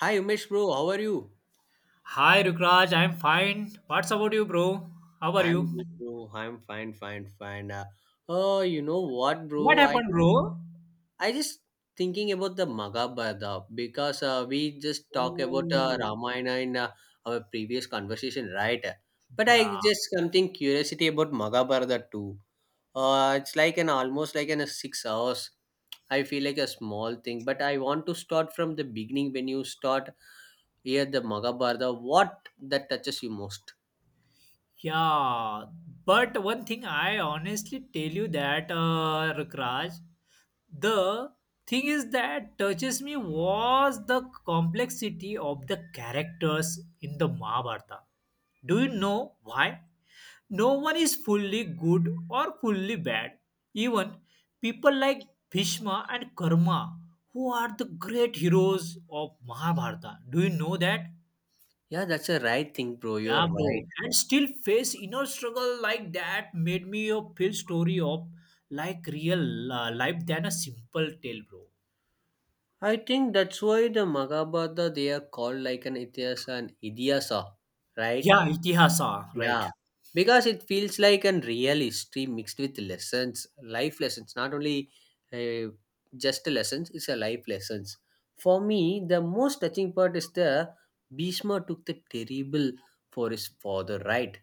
Hi Umesh bro, how are you? Hi Rukraj, I'm fine. What's about you, bro? How are you? I'm good bro. I'm fine, fine, fine. Oh, you know what What bro? I happened, bro? I just thinking about the Maghabharata because we just talk about Oh, Ramayana in our previous conversation, right? But I yeah, just something curiosity about Maghabharata too. It's like an almost like an a 6 hours. I feel like a small thing, but I want to start from the beginning when you start here the Maghabharata. What that touches you most? yeah. But one thing I honestly tell you that, Rukraj, the thing is that touches me was the complexity of the characters in the Mahabharata. Do you know why? No one is fully good or fully bad. Even people like Bhishma and Karma, who are the great heroes of Mahabharata. Do you know that? Yeah, that's a right thing, bro. You're Yeah, bro. right. And still face inner struggle like that made me a feel story of like real life than a simple tale, bro. I think that's why the Magabata they are called like an Itihasa and Idiasa, right? Yeah, itihasa, right. Yeah. Because it feels like an real history mixed with lessons, life lessons, not only uh, just lessons, it's a life lessons. For me, the most touching part is the Bhishma took the terrible for his father, right?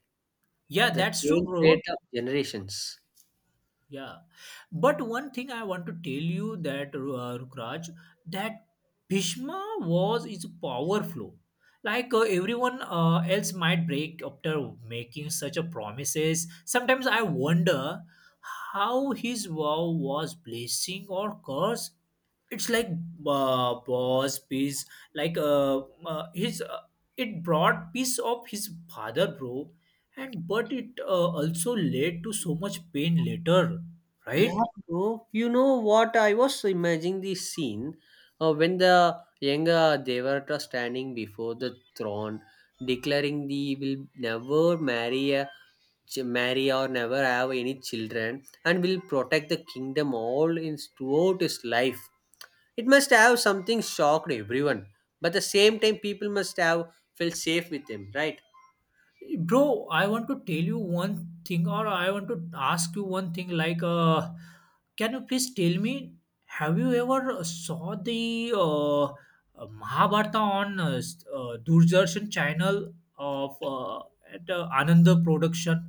Yeah, The that's true, change bro. fate of generations. Yeah, but one thing I want to tell you that Rukraj, that Bhishma was is powerful. Like everyone else might break after making such a promises. Sometimes I wonder how his vow was blessing or curse. It's like boss peace, like his it brought peace of his father, bro, and but it also led to so much pain later, right. Yeah, bro. You know what? I was imagining the scene when the younger Devata standing before the throne, declaring the will never marry, marry or never have any children, and will protect the kingdom all in throughout his life. It must have something shocked everyone, but the same time, people must have felt safe with him, right? Bro, I want to tell you one thing or I want to ask you one thing like, can you please tell me, have you ever saw the mahabharata on doordarshan channel of at ananda production?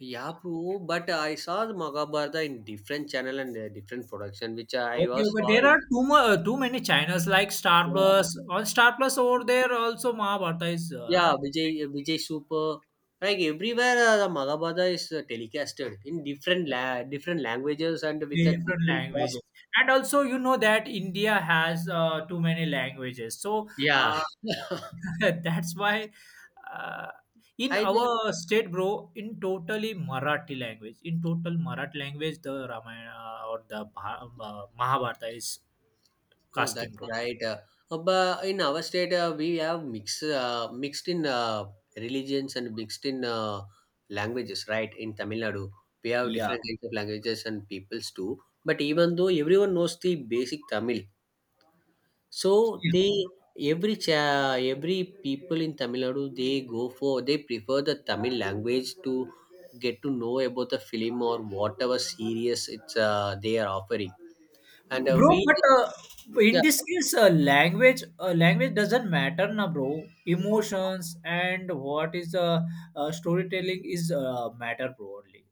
Yeah, bro. But I saw the Mahabharata in different channel and different production, which I Okay, was okay. saw There in. are too many channels like Star Yeah. Plus. On Star Plus over there also Mahabharata is Yeah, Vijay Super. Like everywhere, the Maghabada is telecasted in different languages and with a Different different languages, cost. and also you know that India has too many languages, so Yeah, uh, that's why, uh, in I think. our state, bro, in total Marathi language, the Ramayana or the Mahabharata is Oh, casting, that's bro. right. But in our state, we have mixed in religions and mixed in languages. Right in Tamil Nadu, we have Yeah. different kinds of languages and peoples too. But even though everyone knows the basic Tamil, so Yeah. they every people in Tamil Nadu they go for they prefer the Tamil language to get to know about the film or whatever series it's they are offering. And we Bro, but yeah, in this case, language doesn't matter, na bro. Emotions and what is storytelling is matter, bro. Only.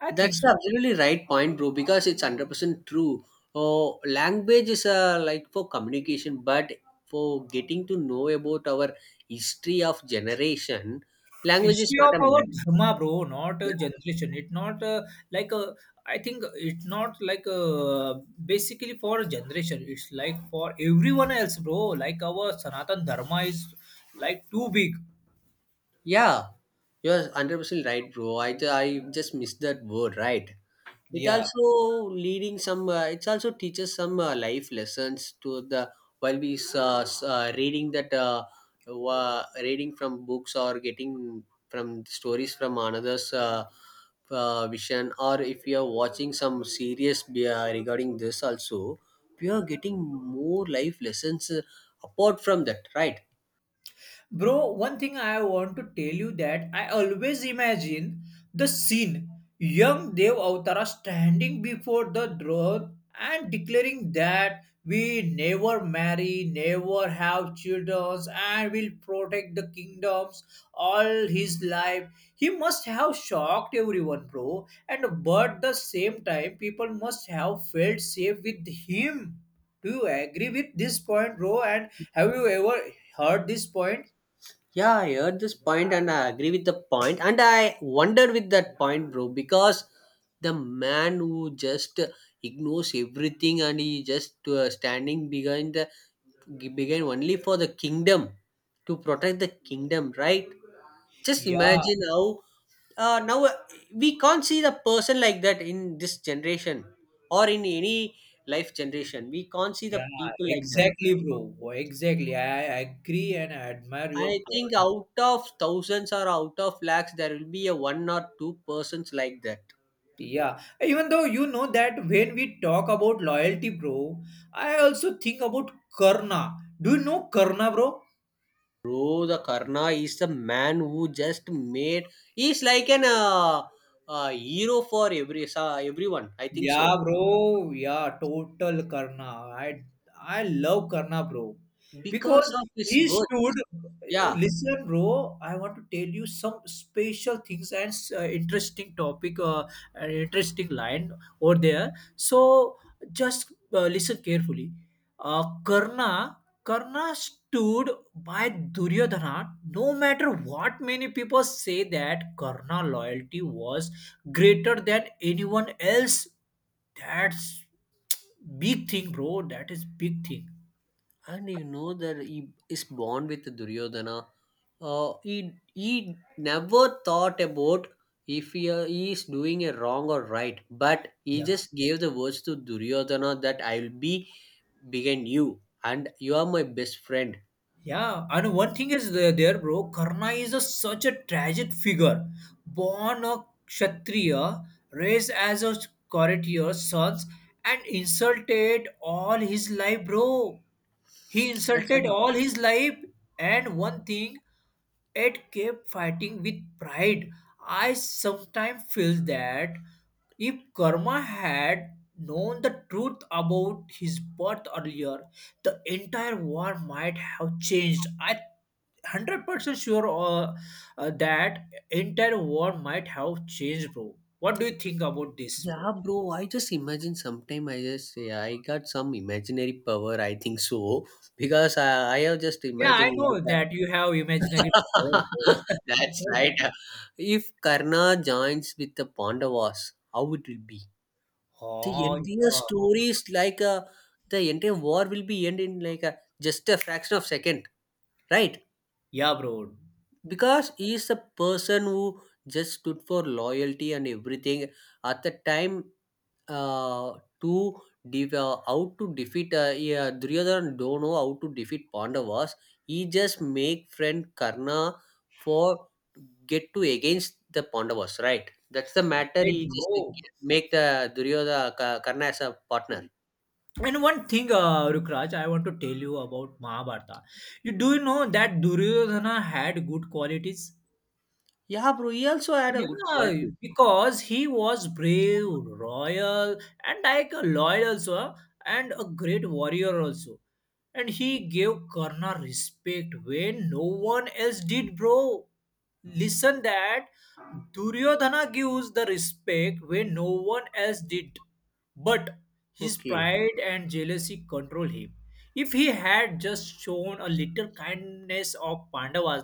I think that's so. the absolutely right point, bro. Because it's 100% true. Oh, language is like for communication, but for getting to know about our history of generation, language is Issue not of a our matter. dharma, bro, not a generation. It not like a. I think it not like a, basically for a generation. It's like for everyone else, bro. Like our Sanatan dharma is like too big. Yeah, you're 100% right, bro. I just missed that word, right? It Yeah, also leading some, it also teaches some life lessons to the, while we reading that, reading from books or getting from stories from another's vision, or if you are watching some series regarding this also, we are getting more life lessons apart from that, right? bro, one thing I want to tell you that I always imagine the scene, young Dev Avtara standing before the throne and declaring that we never marry, never have children, and will protect the kingdoms all his life. He must have shocked everyone, bro. And but the same time, people must have felt safe with him. Do you agree with this point, bro? And have you ever heard this point? Yeah, I heard this point and I agree with the point, and I wonder with that point, bro, because the man who just ignores everything and he just standing behind only for the kingdom to protect the kingdom, right? Just Yeah, imagine how now we can't see the person like that in this generation or in any life generation. We can't see the yeah, people like that. exactly, bro. Exactly. I agree and I admire your I think point. out of thousands or out of lakhs, there will be a one or two persons like that. Yeah, even though you know that when we talk about loyalty, bro, I also think about Karna. Do you know Karna, bro? Bro, the Karna is the man who just made. He's like an hero for every sa everyone. I think so Yeah, bro. Yeah, total Karna. I I love Karna, bro. because Because of his he work. stood. Yeah, Listen, bro. I want to tell you some special things and interesting topic. An interesting line over there. So just listen carefully. Uh, Karna Karna stood by Duryodhana no matter what many people say that Karna loyalty was greater than anyone else. That's big thing, bro. That is big thing. and you know that he is born with Duryodhana. He never thought about if he, he is doing a wrong or right, but he just gave the words to Duryodhana that I will be behind you and you are my best friend. Yeah, and one thing is there bro. Karna is a, such a tragic figure. Born a Kshatriya, raised as a courtier's sons, and insulted all his life, bro. He That's insulted right. all his life, and one thing, it kept fighting with pride. I sometimes feel that if Karma had known the truth about his birth earlier, the entire war might have changed. I 100% sure that entire war might have changed, bro. What do you think about this, Yeah, bro? bro. I just imagine sometime I just say I got some imaginary power. I think so because I have just Yeah, I imagined like know that you have imaginary power, bro. I that's know right. that. If Karna joins with the Pandavas, how it will be? The Oh entire yeah, story is like a the entire war will be end in like a just a fraction of second, right? yeah, bro. Because he is a person who just stood for loyalty and everything. At the time, uh, to how to defeat yeah, Duryodhana don't know how to defeat Pandavas. He just make friend Karna for get to against the Pandavas, right? That's the matter. Right, He just bro. make the Karna as a partner. And one thing, Rukraj, I want to tell you about Mahabharata. You do you know that Duryodhana had good qualities? Yeah, bro. He also had a good Yeah, quality. because he was brave, royal, and like a loyal also, huh, and a great warrior also. And he gave Karna respect when no one else did, bro. Listen that Duryodhana gives the respect when no one else did. But his Okay. pride and jealousy control him. If he had just shown a little kindness of Pandavas,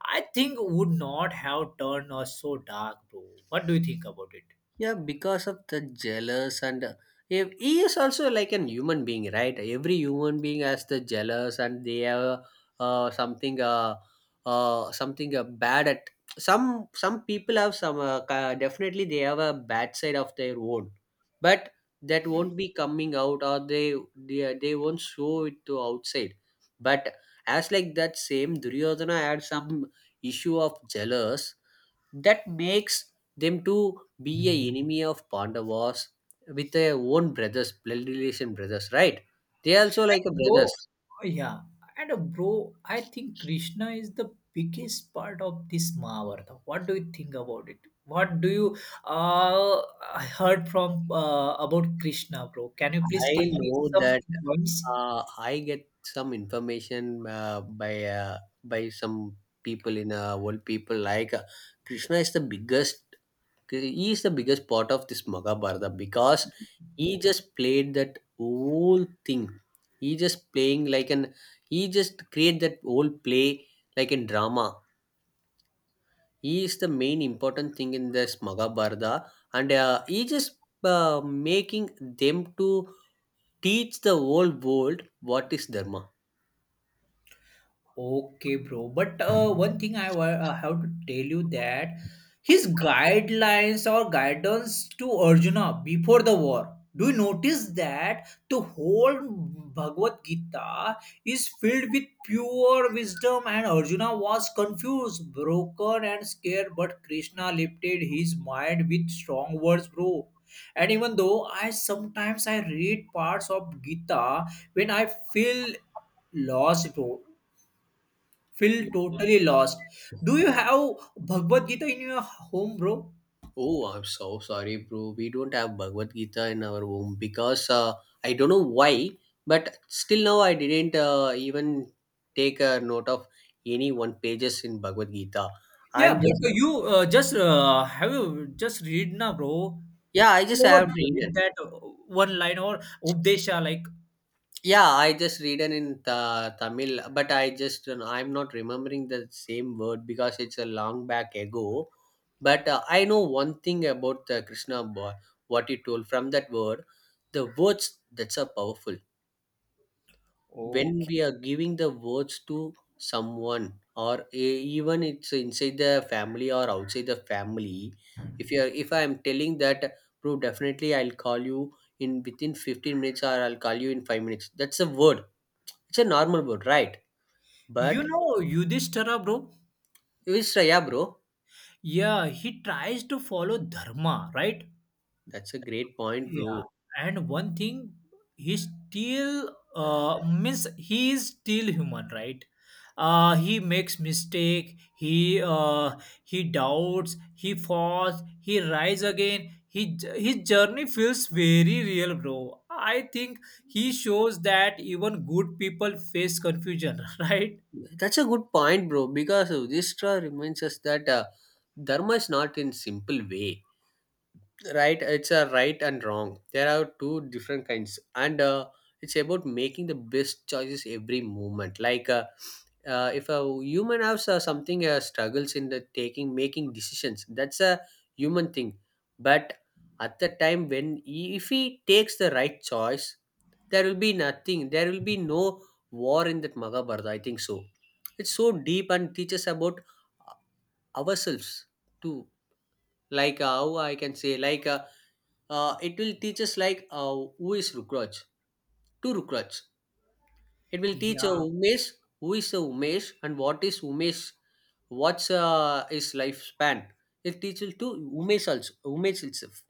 I think would not have turned us so dark, bro. What do you think about it? Yeah, because of the jealous and if he is also like an human being, right? Every human being has the jealous and they have uh, something uh, something bad at some people have some definitely they have a bad side of their own, but that won't be coming out or they won't show it to outside. But as like that same Duryodhana had some issue of jealous that makes them to be a enemy of Pandavas with their own brothers blood relation brothers, right? They also like a brothers. Bro, yeah. And bro, I think Krishna is the biggest part of this Mahabharata. What do you think about it? What do you uh heard from about Krishna, bro? Can you please I tell me know some that points? I get some information by some people in world people like Krishna is the biggest he is the biggest part of this Maghabharata because he just played that whole thing. He just playing like an he just create that whole play like in drama. He is the main important thing in this Maghabharata, and he just making them to teach the whole world what is dharma. Okay, bro. But one thing I have to tell you that his guidelines or guidance to Arjuna before the war. Do you notice that the whole Bhagavad Gita is filled with pure wisdom and Arjuna was confused, broken, and scared? But Krishna lifted his mind with strong words, bro. And even though I sometimes I read parts of Gita when I feel lost, bro. Feel totally lost. Do you have Bhagavad Gita in your home, bro? Oh, I'm so sorry, bro. We don't have Bhagavad Gita in our home because I don't know why, but still now I didn't even take a note of any one pages in Bhagavad Gita. Yeah, I'm just but you just have you just read na, bro. yeah, I You just have ever read it. read that one line or Updesha like. Yeah, I just read it in Tamil, but I just don't know, I'm not remembering the same word because it's a long back ago. But I know one thing about the Krishna boy, what he told from that word. The words that's are powerful when we Okay. are giving the words to someone or even it's inside the family or outside the family, if you are if I am telling that bro definitely I'll call you in within 15 minutes or I'll call you in 5 minutes, that's a word, it's a normal word, right? You But know Yudhishthira, bro? it's yeah bro, Yeah, he tries to follow dharma, right? that's a great point Yeah, bro, and one thing, he still means he is still human, right? He makes mistake. He doubts. He falls. He rise again. He his journey feels very real, bro. I think he shows that even good people face confusion, right? that's a good point bro because this reminds us that dharma is not in simple way, right? It's a right and wrong, there are two different kinds, and it's about making the best choices every moment like if a human has something struggles in the taking making decisions, that's a human thing, but at the time when he, if he takes the right choice there will be nothing, there will be no war in that Mahabharata, I think so. It's so deep and teaches about uh, ourselves too, like how I can say like it will teach us like who is Rukraj, two Rukraj. It will teach a Yeah. Umesh, who is a Umesh and what is Umesh, what's his lifespan. It teaches to Umesh also, Umesh itself,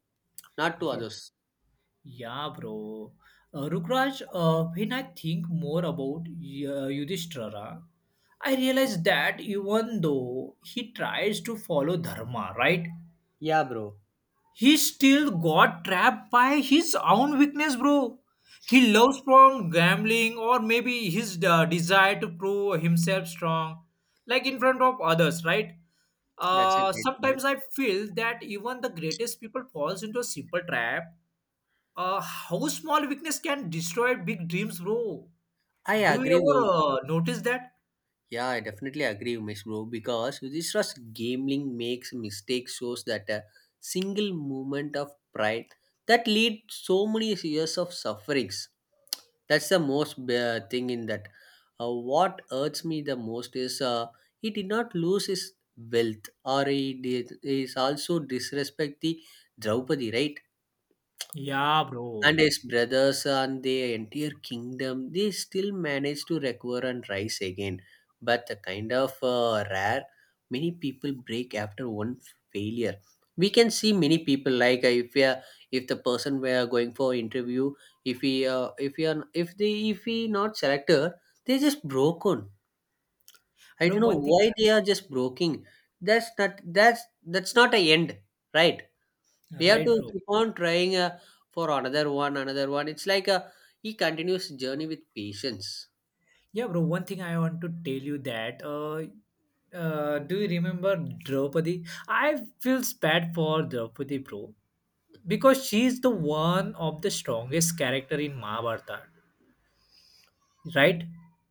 not to Yeah. others. Yeah, bro. Rukraj, when I think more about Yudhishthira, I realize that even though he tries to follow dharma, right, Yeah, bro. he still got trapped by his own weakness, bro. He loves from gambling or maybe his desire to prove himself strong, like in front of others, right? That's a great Sometimes point. I feel that even the greatest people falls into a simple trap, how small weakness can destroy big dreams, bro. I Do you agree, bro. ever notice that? Yeah, I definitely agree, Umesh, bro. Because Yudhishthira's gambling makes mistake shows that a single moment of pride that lead so many years of sufferings. That's the most thing in that, what hurts me the most is he did not lose his wealth or he did is also disrespect the Draupadi, right? Yeah, And bro. his brothers and the entire kingdom they still managed to recover and rise again, but the kind of rare many people break after one failure. We can see many people like if we are, if the person were going for interview, if he are if they if he not selected they just broken, I Bro, don't know one thing, why they are just broken. that's not that's that's not a end, right? We have to right, bro. keep on trying for another one, another one. It's like a he continues journey with patience. Yeah, bro, one thing I want to tell you that, do you remember Draupadi? I feels bad for Draupadi, bro, because she is the one of the strongest character in Mahabharata, right?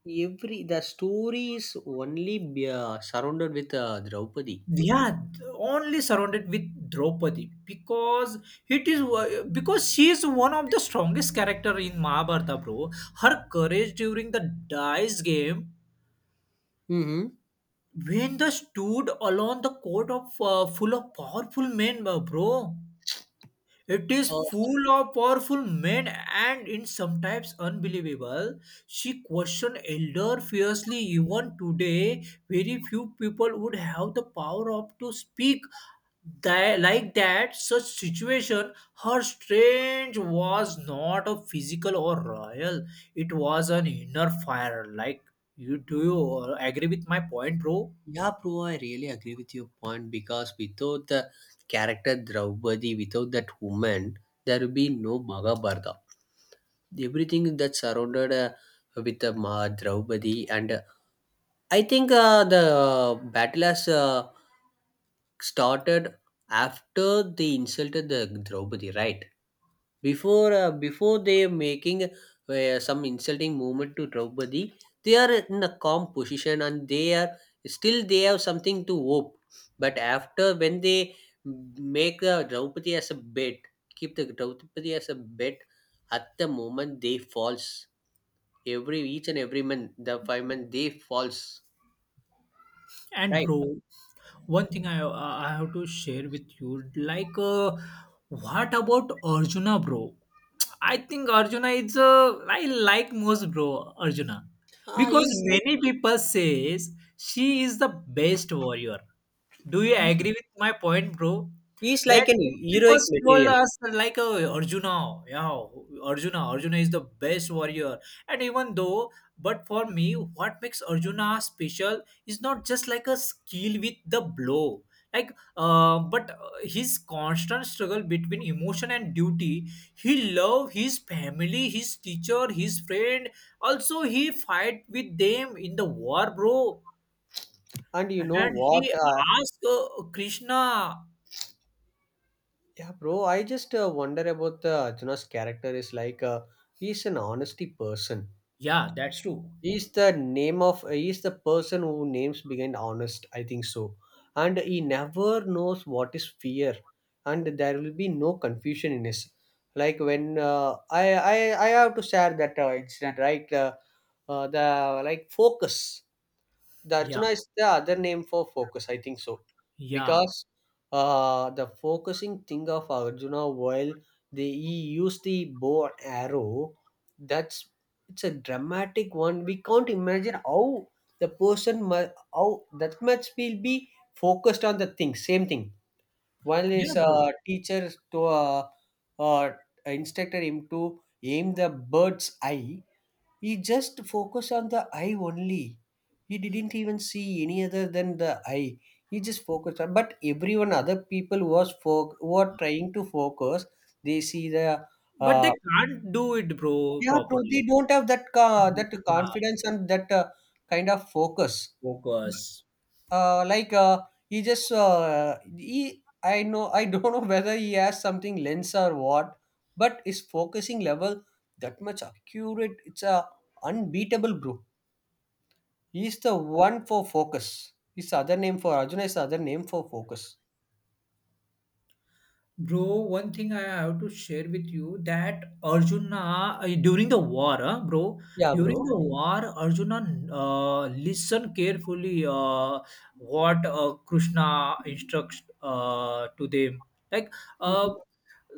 Every the story is only surrounded with Draupadi. Yeah, only surrounded with Draupadi because it is because she is one of the strongest character in Mahabharata, bro. Her courage during the dice game Mm-hmm. when the stood alone the court of full of powerful men, bro. It is Uh, full of powerful men and in sometimes unbelievable. She questioned elder fiercely. Even today, very few people would have the power of to speak that, like that. Such situation, her strange was not a physical or royal. It was an inner fire. Like you, do you agree with my point, bro? yeah, bro, I really agree with your point because without the character Draupadi, without that woman, there will be no Maghabharata, everything that's surrounded with the Ma Draupadi, and I think the battle has started after they insulted the Draupadi, right? Before before they are making some insulting movement to Draupadi, they are in a calm position and they are still they have something to hope. But after when they make the Draupadi as a bed, keep the Draupadi as a bed, at the moment they falls, every each and every man, the five men they falls, And right? bro. One thing I have to share with you like, what about arjuna bro? I think arjuna is I like most bro arjuna Ah, because he's like many people says she is the best warrior. Do you agree with my point bro? he's like That an many people heroic told material. us like, arjuna yeah arjuna arjuna is the best warrior. And even though, but for me what makes arjuna special is not just like a skill with the blow, like but his constant struggle between emotion and duty. He love his family, his teacher, his friend. Also he fight with them in the war bro. And you know And what? he asked krishna. Yeah, bro, I just wonder about the Arjuna's character is like he's an honesty person. Yeah, that's true. He's the name of he's the person who names behind honest, I think so, and he never knows what is fear, and there will be no confusion in his. Like when I have to share that incident, right. The like focus. The Yeah. arjuna is the other name for focus, I think so, Yeah. because the focusing thing of arjuna while they he used the bow and arrow. That's it's a dramatic one. We can't imagine how the how that much will be focused on the thing. Same thing, one Yeah, is bro. Teacher to uh, instructor him to aim the bird's eye. He just focused on the eye only. He didn't even see any other than the eye. He just focused on. But everyone, other people were trying to focus. They see the But they uh, can't do it bro yeah, bro. They properly. don't have that that Yeah, confidence and that kind of focus. focus. Like he just he. I know. I don't know whether he has something lens or what, but his focusing level that much accurate. It's a unbeatable, bro. He's the one for focus. His other name for Arjuna is the other name for focus. Bro, one thing I have to share with you that Arjuna Yeah, during bro. the war, Arjuna listened carefully what Krishna instructs to them. Like, uh, Hmm.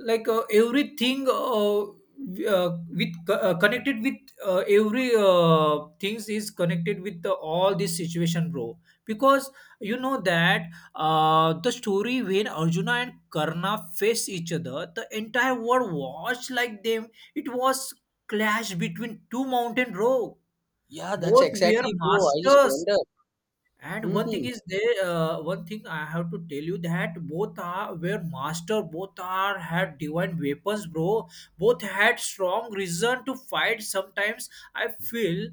everything with connected with every things is connected with all this situation, bro. Because you know that the story when Arjuna and Karna faced each other, the entire world watched like them. It was clash between two mountain rock. Yeah, that's Both were exactly, bro. I just masters wonder. and one Hmm. thing is they one thing I have to tell you that both are were master, both are had divine weapons, bro. Both had strong reason to fight. Sometimes I feel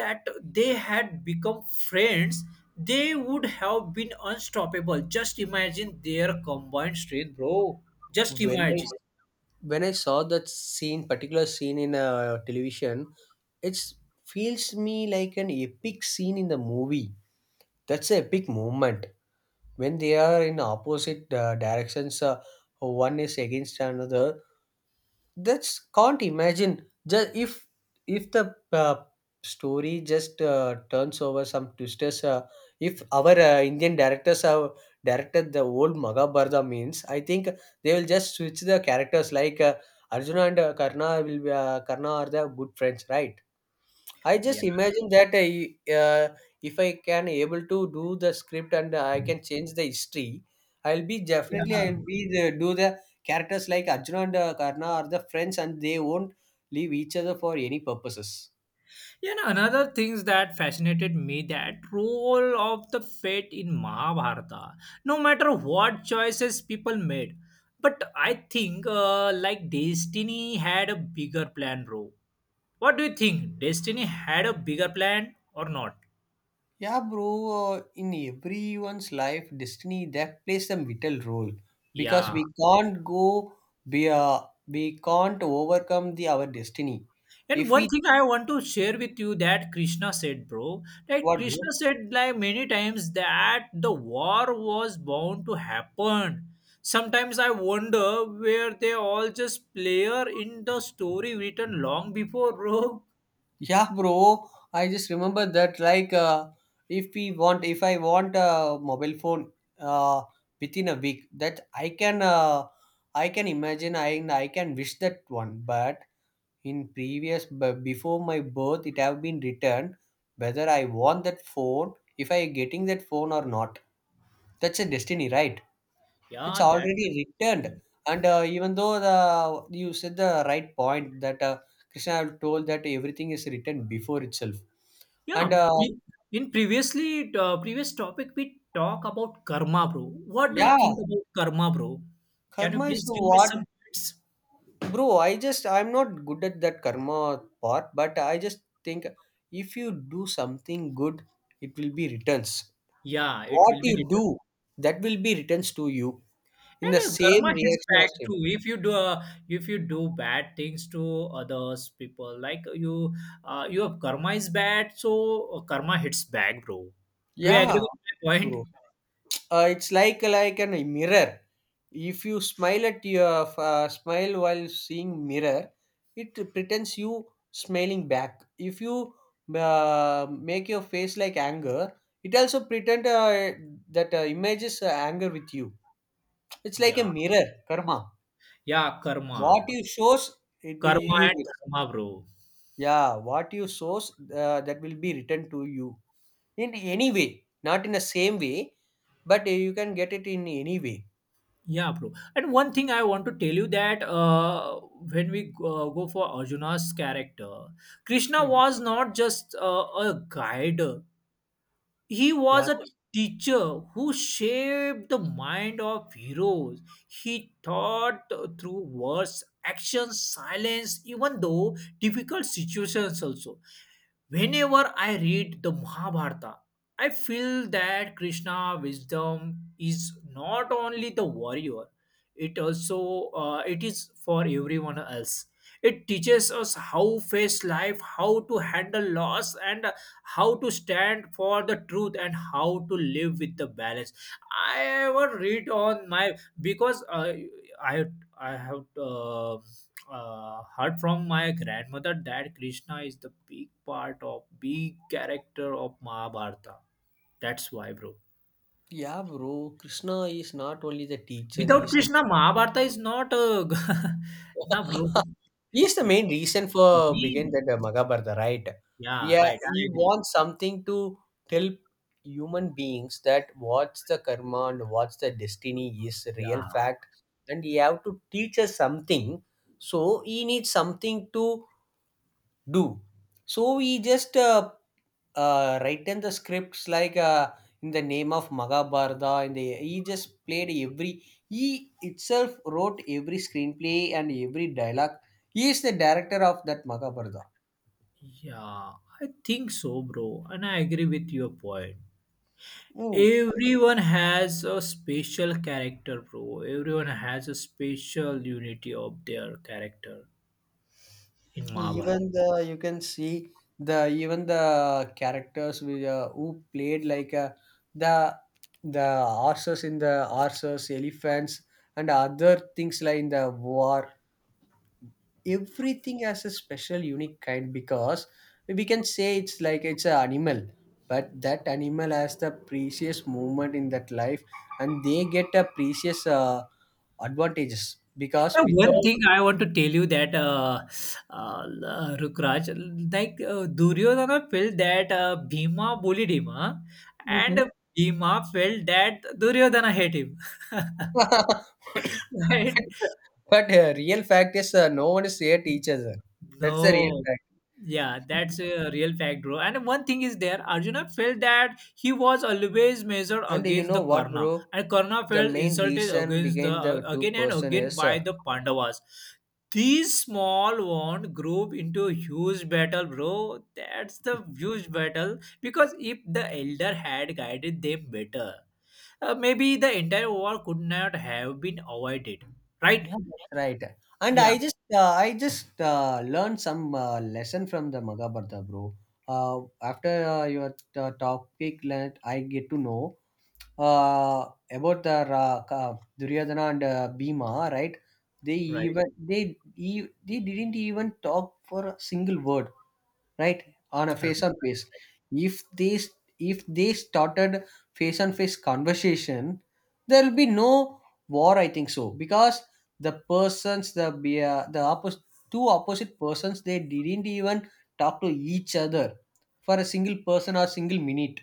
that they had become friends, they would have been unstoppable. Just imagine their combined strength, bro. Just When I imagine. when I saw that scene, particular scene in a television, it feels me like an epic scene in the movie. That's an epic moment when they are in opposite directions. One is against another. That's can't imagine. Just if the story just turns over some twisters. If our Indian directors have directed the old Maghabharata means, I think they will just switch the characters like Arjuna and Karna will be Karna are the good friends, right? I just Yeah. imagine that I, if I can able to do the script and I can change the history, Yeah. I'll be the, do the characters like Arjuna and Karna are the friends and they won't leave each other for any purposes. You know, another things that fascinated me that role of the fate in Mahabharata. No matter what choices people made, but I think like Destiny had a bigger plan, bro. What do you think? Destiny had a bigger plan or not? Yeah, bro. In everyone's life, destiny that plays a vital role because Yeah. we can't go be we can't overcome the our destiny And if one we thing I want to share with you that Krishna said, bro, that what. Krishna said like many times that the war was bound to happen. Sometimes I wonder where they all just player in the story written long before, bro. Yeah, bro. I just remember that like if I want a mobile phone uh, within a week that I can imagine I and I can wish that one, but in previous before my birth it have been returned whether I want that phone, if I getting that phone or not, that's a destiny, right. It's Yeah, that's already it. returned, and even though the you said the right point that Krishna have told that everything is written before itself, Yeah, and we- in previously previous topic we talk about karma, bro. What do you yeah, think about karma, bro? Can you karma is please give me what, some hints? bro. I'm not good at that karma part, but I just think if you do something good, it will be returns. Yeah, it What will be you written. do, that will be returns to you in the And same Karma hits reaction back as him. too. If you do bad things to others, people like you, your karma is bad, so karma hits back, bro. Do you agree Yeah, of with my course, point? bro. It's like an a mirror. If you smile at your smile while seeing mirror, it pretends you smiling back. If you make your face like anger, it also pretend that images anger with you. It's like a Yeah, mirror karma. yeah, What karma, you shows, it will Karma you and get. dharma, bro. Yeah, what you source that will be returned to you in any way, not in the same way, but you can get it in any way. Yeah, bro. And one thing I want to tell you that when we go for Arjuna's character, Krishna Mhm. was not just a guide. He Yeah, was a teacher who shaped the mind of heroes. He taught through words, actions, silence, even though difficult situations also. Whenever I read the Mahabharata, I feel that Krishna wisdom is not only the warrior, it is for everyone else. It teaches us how face life, how to handle loss, and how to stand for the truth and how to live with the balance. I ever read on my because I I have heard from my grandmother that Krishna is the big part of big character of Mahabharata. That's why, bro. yeah, bro. Krishna is not only the teacher, he Without is Krishna, Mahabharata is not a nah, bro. he is the main reason for begin He, that Maghabharata, right? yeah, Yeah, right. I he agree. wants something to tell human beings that what's the karma and what's the destiny is real Yeah, fact, and he have to teach us something. So he needs something to do. So he just written the scripts like in the name of Maghabharata, and the, he just played every he itself wrote every screenplay and every dialogue. He is the director of that Maghabharata. yeah, I think so, bro. And I agree with your point. Mm. Everyone has a special character, bro. Everyone has a special unity of their character in Mahabharata. Even the you can see the even the characters with, who played like the the horses in the horses, elephants, and other things like in the war, everything has a special unique kind, because we can say it's like it's an animal, but that animal has the precious moment in that life, and they get a precious advantages, because One without thing I want to tell you that Rukraj, like Duryodhana felt that Bhima bullied him, huh? And Mhm. Bhima felt that Duryodhana hate him, right? but real fact is no one is here to each other, that's the real No, fact. yeah, that's a real fact, bro. And one thing is there, Arjuna felt that he was always measured And you against know the what, Karna, bro, and Karna the felt main insulted reason against the behind the two again and person again is by the Pandavas. These small wound group into a huge battle, bro. That's the huge battle because if the elder had guided them better, maybe the entire war could not have been avoided, right? yeah, that's right. And Yeah, I just learned some lesson from the Maghabharata, bro. After your topic, let I get to know about the Duryodhana and Bhima, right? They right. even they didn't even talk for a single word, right, on a Uh, face on face. If they if they started face on face conversation, there will be no war, I think so, because the persons the be- the oppos- two opposite persons they didn't even talk to each other for a single person or single minute.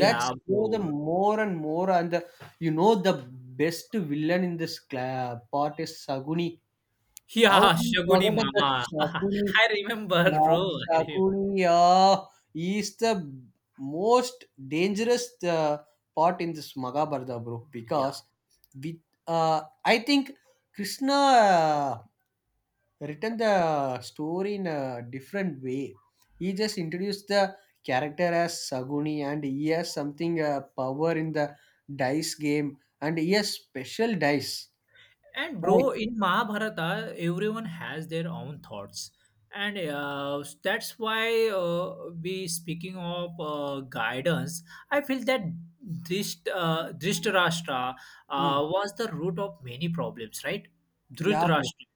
That's how the bro. more and more, and the you know the best villain in this part is saguni. How Yeah, we Shaguni forgot the Mama. saguni, I remember, that bro. I remember. Shakuni is the most dangerous part in this Maghabharata, bro. Yeah. Because with I think Krishna written the story in a different way. He just introduced the character as Saguni, and he has something power in the dice game, and he has special dice, And right? bro, in Mahabharata, everyone has their own thoughts. And that's why we speaking of guidance, I feel that Dhritarashtra Mm. was the root of many problems, right? Yeah, bro. Dhritarashtra.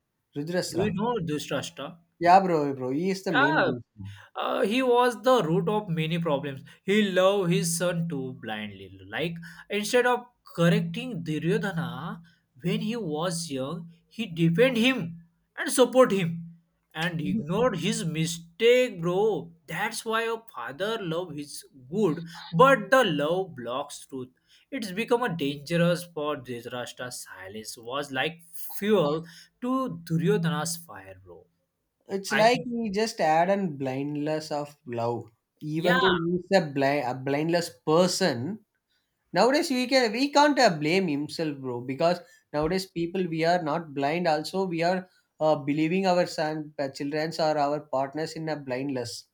Do you Rudrasra. know Dhritarashtra? Yeah, bro, bro. He is the main Yeah, reason. He was the root of many problems. He loved his son too blindly. Like instead of correcting Duryodhana when he was young, he defend him and support him and ignored his mistake, bro. That's why a father love is good, but the love blocks truth. It's become a dangerous for Dhritarashtra's silence was like fuel to Duryodhana's fire, bro. It's I like think. he just add an blindness of love. Even though Yeah, he's a, blind, a blindless person, nowadays we can we can't blame himself, bro. Because nowadays people we are not blind. Also, we are believing our son, childrens, or our partners in a blindness.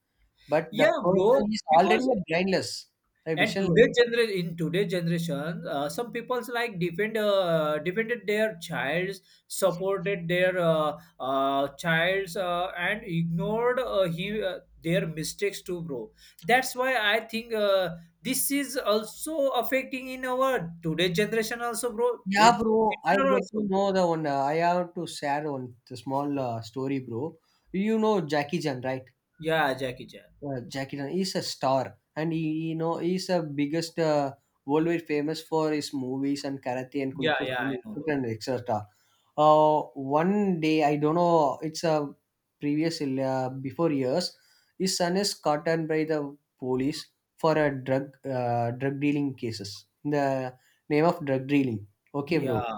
But the yeah, bro. person is already Because a blindless, a and visionless. today generation in today's generation, some people's like defended their childs, supported their childs, and ignored their mistakes too, bro. That's why I think this is also affecting in our today's generation also, bro. They Yeah, bro. I similar get to also. know the one. I have to share one the small story, bro. You know Jackie Chan, right? Yeah, Jackie Chan. Jackie Chan is a star, and he you know he's the biggest worldwide famous for his movies and karate and kung Yeah, fu yeah, I know. and etc. Uh, One day I don't know. It's a previous before years. His son is caught and by the police for a drug dealing cases. The name of drug dealing. Okay, bro, Yeah.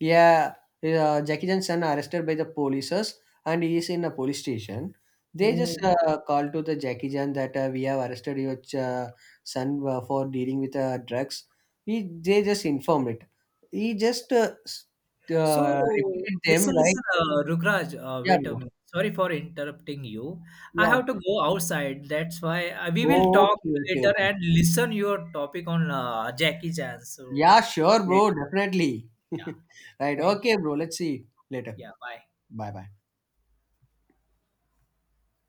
yeah, Jackie Chan's son arrested by the polices and he is in a police station. They just Oh. Call to the Jackie Chan that we have arrested your son for dealing with drugs. He, they just informed it. He just So repeated them listen, like, listen, Rukraj, yeah, wait a bro. minute. Sorry for interrupting you. I Yeah. have to go outside. That's why we will Oh, talk okay, okay, later okay. and listen your topic on Jackie Chan. So Yeah, sure, bro. later, Definitely. yeah. Right. Thank you. Okay, bro. Let's see later. Yeah. Bye. Bye bye.